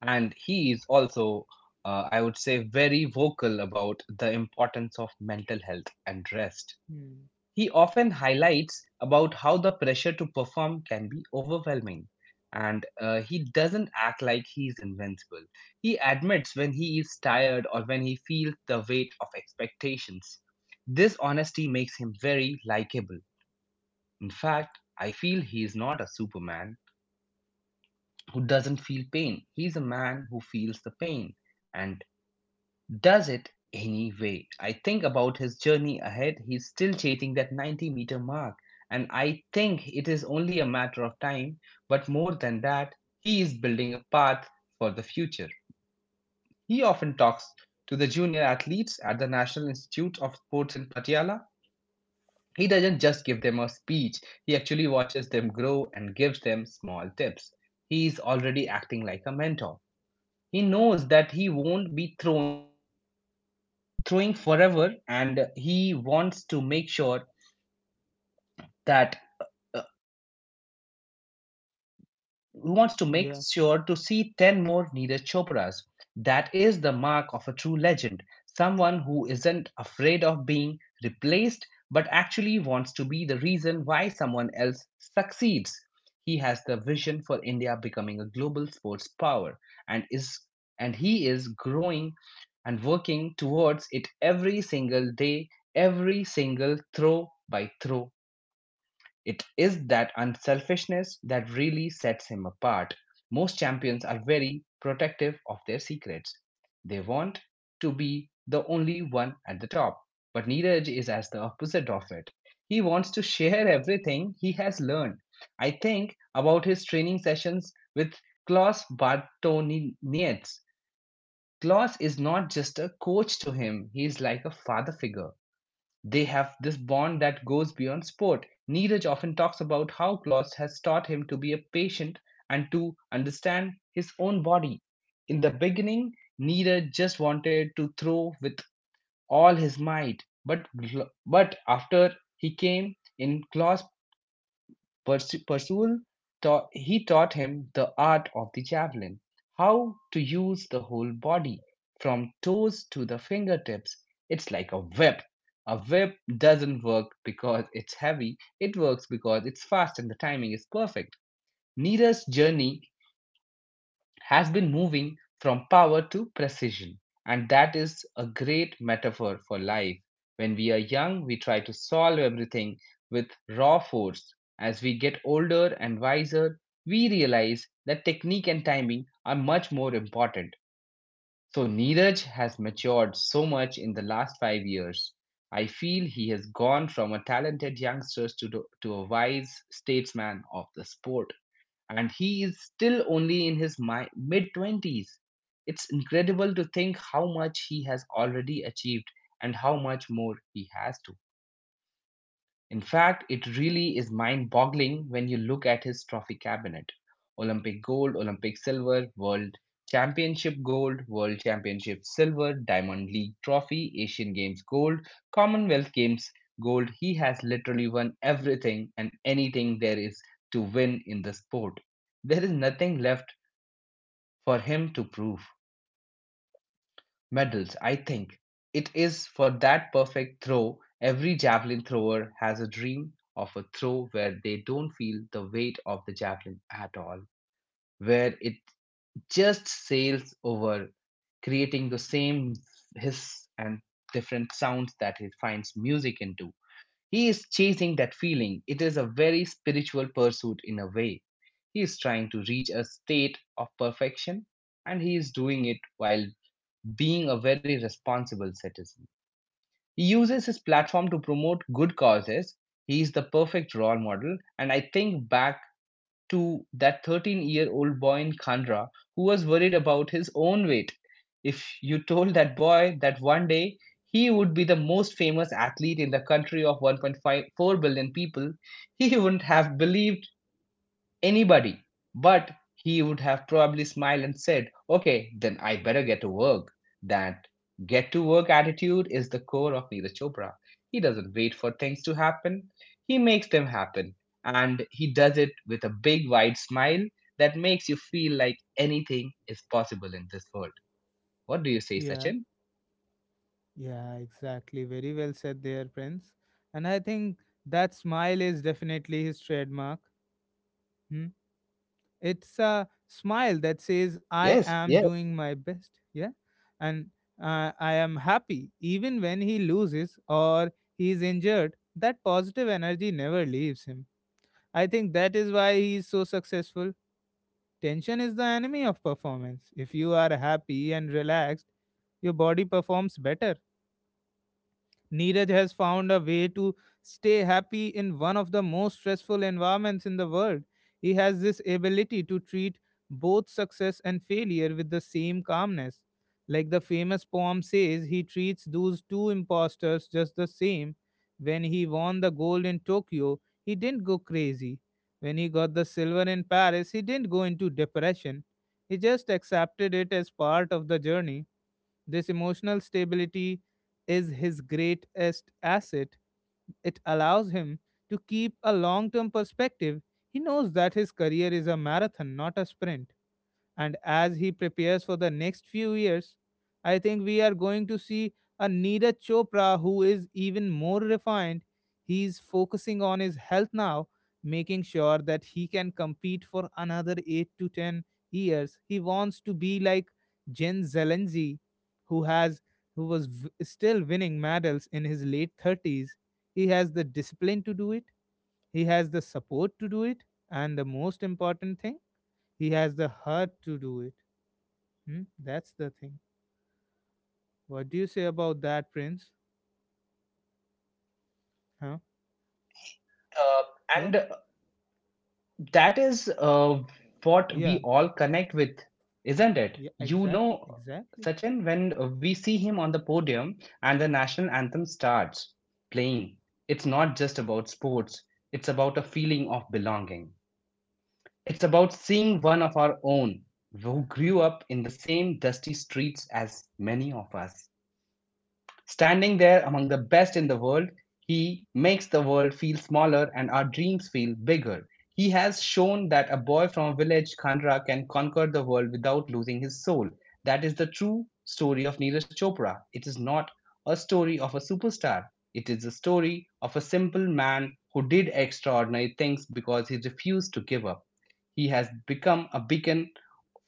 Speaker 2: And he is also, I would say, very vocal about the importance of mental health and rest.
Speaker 1: Hmm.
Speaker 2: He often highlights about how the pressure to perform can be overwhelming. And he doesn't act like he is invincible. He admits when he is tired or when he feels the weight of expectations. This honesty makes him very likable. In fact, I feel he is not a superman who doesn't feel pain. He is a man who feels the pain. And does it anyway. I think about his journey ahead. He's still chasing that 90-meter mark. And I think it is only a matter of time. But more than that, he is building a path for the future. He often talks to the junior athletes at the National Institute of Sports in Patiala. He doesn't just give them a speech, he actually watches them grow and gives them small tips. He is already acting like a mentor. He knows that he won't be throwing forever and he wants to make sure that
Speaker 1: Yeah.
Speaker 2: to see 10 more Neeraj Chopras. That is the mark of a true legend, someone who isn't afraid of being replaced but actually wants to be the reason why someone else succeeds. He has the vision for India becoming a global sports power and is and he is growing and working towards it every single day, every single throw by throw. It is that unselfishness that really sets him apart. Most champions are very protective of their secrets. They want to be the only one at the top, but Neeraj is as the opposite of it. He wants to share everything he has learned. I think about his training sessions with Klaus Bartonietz. Klaus is not just a coach to him, he is like a father figure. They have this bond that goes beyond sport. Neeraj often talks about how Klaus has taught him to be a patient and to understand his own body. In the beginning, Neeraj just wanted to throw with all his might, but after he came in, Persu- taught, he taught him the art of the javelin, how to use the whole body from toes to the fingertips. It's like a whip. A whip doesn't work because it's heavy, it works because it's fast and the timing is perfect. Nira's journey has been moving from power to precision. And that is a great metaphor for life. When we are young, we try to solve everything with raw force. As we get older and wiser, we realize that technique and timing are much more important. So, Neeraj has matured so much in the last 5 years. I feel he has gone from a talented youngster to a wise statesman of the sport and he is still only in his mid 20s. It's incredible to think how much he has already achieved and how much more he has to. In fact, it really is mind boggling when you look at his trophy cabinet. Olympic gold, Olympic silver, world championship gold, world championship silver, Diamond League trophy, Asian Games gold, Commonwealth Games gold. He has literally won everything and anything there is to win in the sport. There is nothing left for him to prove medals, I think. It is for that perfect throw. Every javelin thrower has a dream of a throw where they don't feel the weight of the javelin at all, where it just sails over, creating the same hiss and different sounds that he finds music into. He is chasing that feeling. It is a very spiritual pursuit in a way. He is trying to reach a state of perfection and he is doing it while being a very responsible citizen. He uses his platform to promote good causes. He is the perfect role model. And I think back to that 13-year-old boy in Khandra who was worried about his own weight. If you told that boy that one day he would be the most famous athlete in the country of 1.54 billion people, *laughs* he wouldn't have believed anybody, but he would have probably smiled and said, "Okay, then I better get to work." That get to work attitude is the core of Neeraj Chopra. He doesn't wait for things to happen, he makes them happen. And he does it with a big, wide smile that makes you feel like anything is possible in this world. What do you say,
Speaker 1: Yeah.
Speaker 2: Sachin?
Speaker 1: Yeah, exactly. Very well said there, Prince. And I think that smile is definitely his trademark. Hmm? It's a smile that says I
Speaker 2: Yes,
Speaker 1: am
Speaker 2: yes.
Speaker 1: doing my best. Yeah, and I am happy even when he loses or he is injured. That positive energy never leaves him. I think that is why he is so successful. Tension is the enemy of performance. If you are happy and relaxed, your body performs better. Neeraj has found a way to stay happy in one of the most stressful environments in the world. He has this ability to treat both success and failure with the same calmness. Like the famous poem says, he treats those two imposters just the same. When he won the gold in Tokyo, he didn't go crazy. When he got the silver in Paris, he didn't go into depression. He just accepted it as part of the journey. This emotional stability is his greatest asset. It allows him to keep a long term perspective. He knows that his career is a marathon, not a sprint, and as he prepares for the next few years, I think we are going to see a Neeraj Chopra who is even more refined. He's focusing on his health now, making sure that he can compete for another 8 to 10 years. He wants to be like Jen Zelensky, who has who was still winning medals in his late 30s. He has the discipline to do it. He has the support to do it. And the most important thing, he has the heart to do it. Hmm? That's the thing. What do you say about that, Prince? Huh?
Speaker 2: Uh,
Speaker 1: Yeah?
Speaker 2: and that is what we
Speaker 1: Yeah.
Speaker 2: all connect with, isn't it,
Speaker 1: Yeah,
Speaker 2: you
Speaker 1: exactly.
Speaker 2: know,
Speaker 1: Exactly.
Speaker 2: Sachin, when we see him on the podium and the national anthem starts playing. It's not just about sports, it's about a feeling of belonging. It's about seeing one of our own who grew up in the same dusty streets as many of us, standing there among the best in the world. He makes the world feel smaller and our dreams feel bigger. He has shown that a boy from a village, Kanra, can conquer the world without losing his soul. That is the true story of Neeraj Chopra. It is not a story of a superstar. It is a story of a simple man who did extraordinary things because he refused to give up. He has become a beacon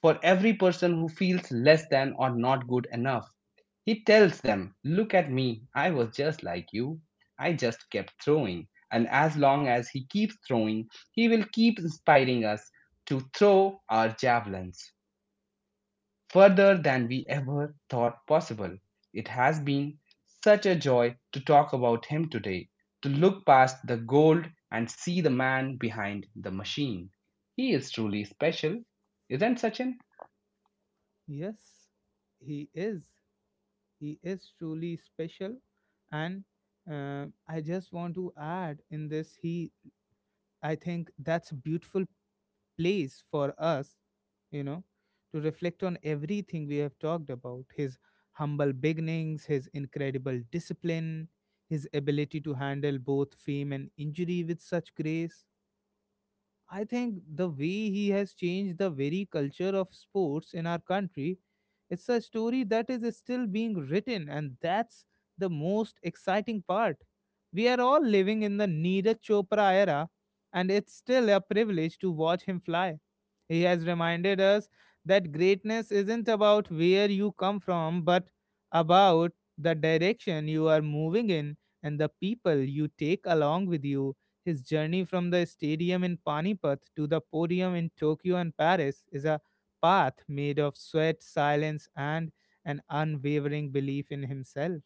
Speaker 2: for every person who feels less than or not good enough. He tells them, "Look at me, I was just like you. I just kept throwing." And as long as he keeps throwing, he will keep inspiring us to throw our javelins further than we ever thought possible. It has been such a joy to talk about him today, to look past the gold and see the man behind the machine. He is truly special, isn't Sachin?
Speaker 1: Yes, he is. He is truly special. And I just want to add in this, he, I think that's a beautiful place for us, you know, to reflect on everything we have talked about. His humble beginnings, his incredible discipline, his ability to handle both fame and injury with such grace. I think the way he has changed the very culture of sports in our country, it's a story that is still being written, and that's the most exciting part. We are all living in the Neeraj Chopra era, and it's still a privilege to watch him fly. He has reminded us that greatness isn't about where you come from, but about the direction you are moving in and the people you take along with you. His journey from the stadium in Panipat to the podium in Tokyo and Paris is a path made of sweat, silence, and an unwavering belief in himself.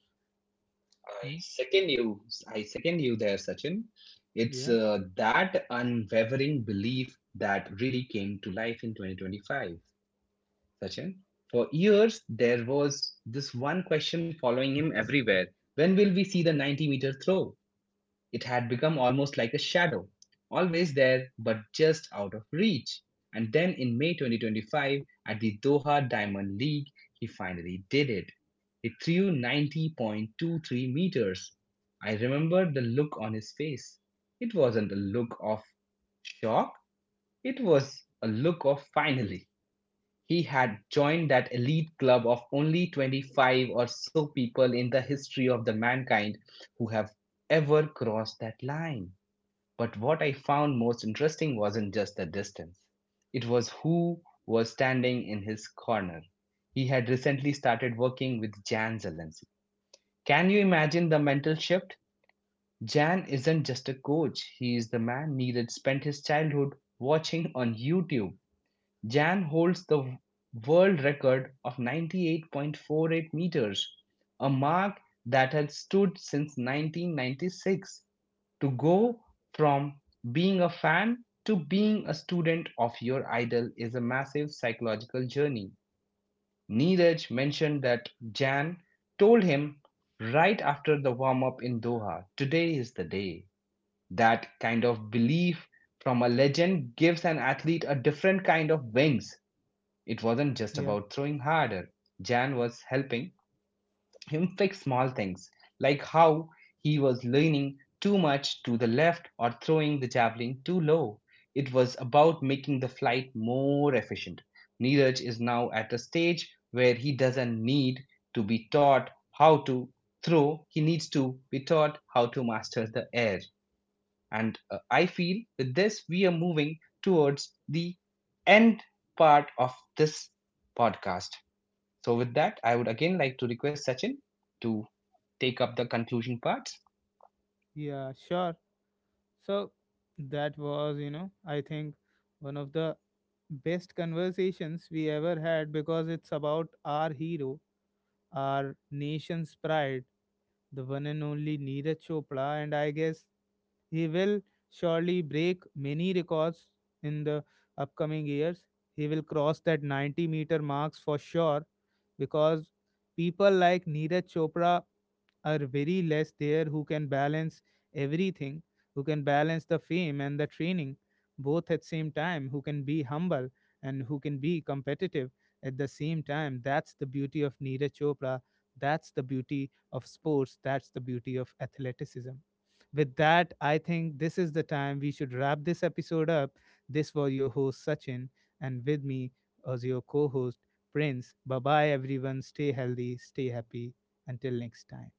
Speaker 2: I
Speaker 1: Hmm?
Speaker 2: second you. I second you there, Sachin. It's
Speaker 1: Yeah,
Speaker 2: that unwavering belief that really came to life in 2025, Sachin. For years, there was this one question following him everywhere. When will we see the 90-meter throw? It had become almost like a shadow, always there but just out of reach. And then in May 2025, at the Doha Diamond League, he finally did it. He threw 90.23 meters. I remember the look on his face. It wasn't a look of shock, it was a look of finally. He had joined that elite club of only 25 or so people in the history of the mankind who have ever crossed that line. But what I found most interesting wasn't just the distance, it was who was standing in his corner. He had recently started working with Jan Zelensky. Can you imagine the mental shift? Jan isn't just a coach, he is the man Neeraj spent his childhood watching on YouTube. Jan holds the world record of 98.48 meters, a mark that had stood since 1996. To go from being a fan to being a student of your idol is a massive psychological journey. Neeraj mentioned that Jan told him right after the warm up in Doha, today is the day. That kind of belief from a legend gives an athlete a different kind of wings. It wasn't just
Speaker 1: yeah,
Speaker 2: about throwing harder, Jan was helping him fix small things, like how he was leaning too much to the left or throwing the javelin too low. It was about making the flight more efficient. Neeraj is now at a stage where he doesn't need to be taught how to throw, he needs to be taught how to master the air. And I feel with this, we are moving towards the end part of this podcast. So, with that, I would again like to request Sachin to take up the conclusion part.
Speaker 1: yeah, sure. So that was, you know, I think one of the best conversations we ever had because it's about our hero, our nation's pride, the one and only Neeraj Chopra, and I guess he will surely break many records in the upcoming years. He will cross that 90-meter marks for sure, because people like Neeraj Chopra are very less there who can balance everything, who can balance the fame and the training both at same time, who can be humble and who can be competitive at the same time. That's the beauty of Neeraj Chopra. That's the beauty of sports. That's the beauty of athleticism. With that, I think this is the time we should wrap this episode up. This was your host, Sachin, and with me as your co host, Prince. Bye bye, everyone. Stay healthy, stay happy. Until next time.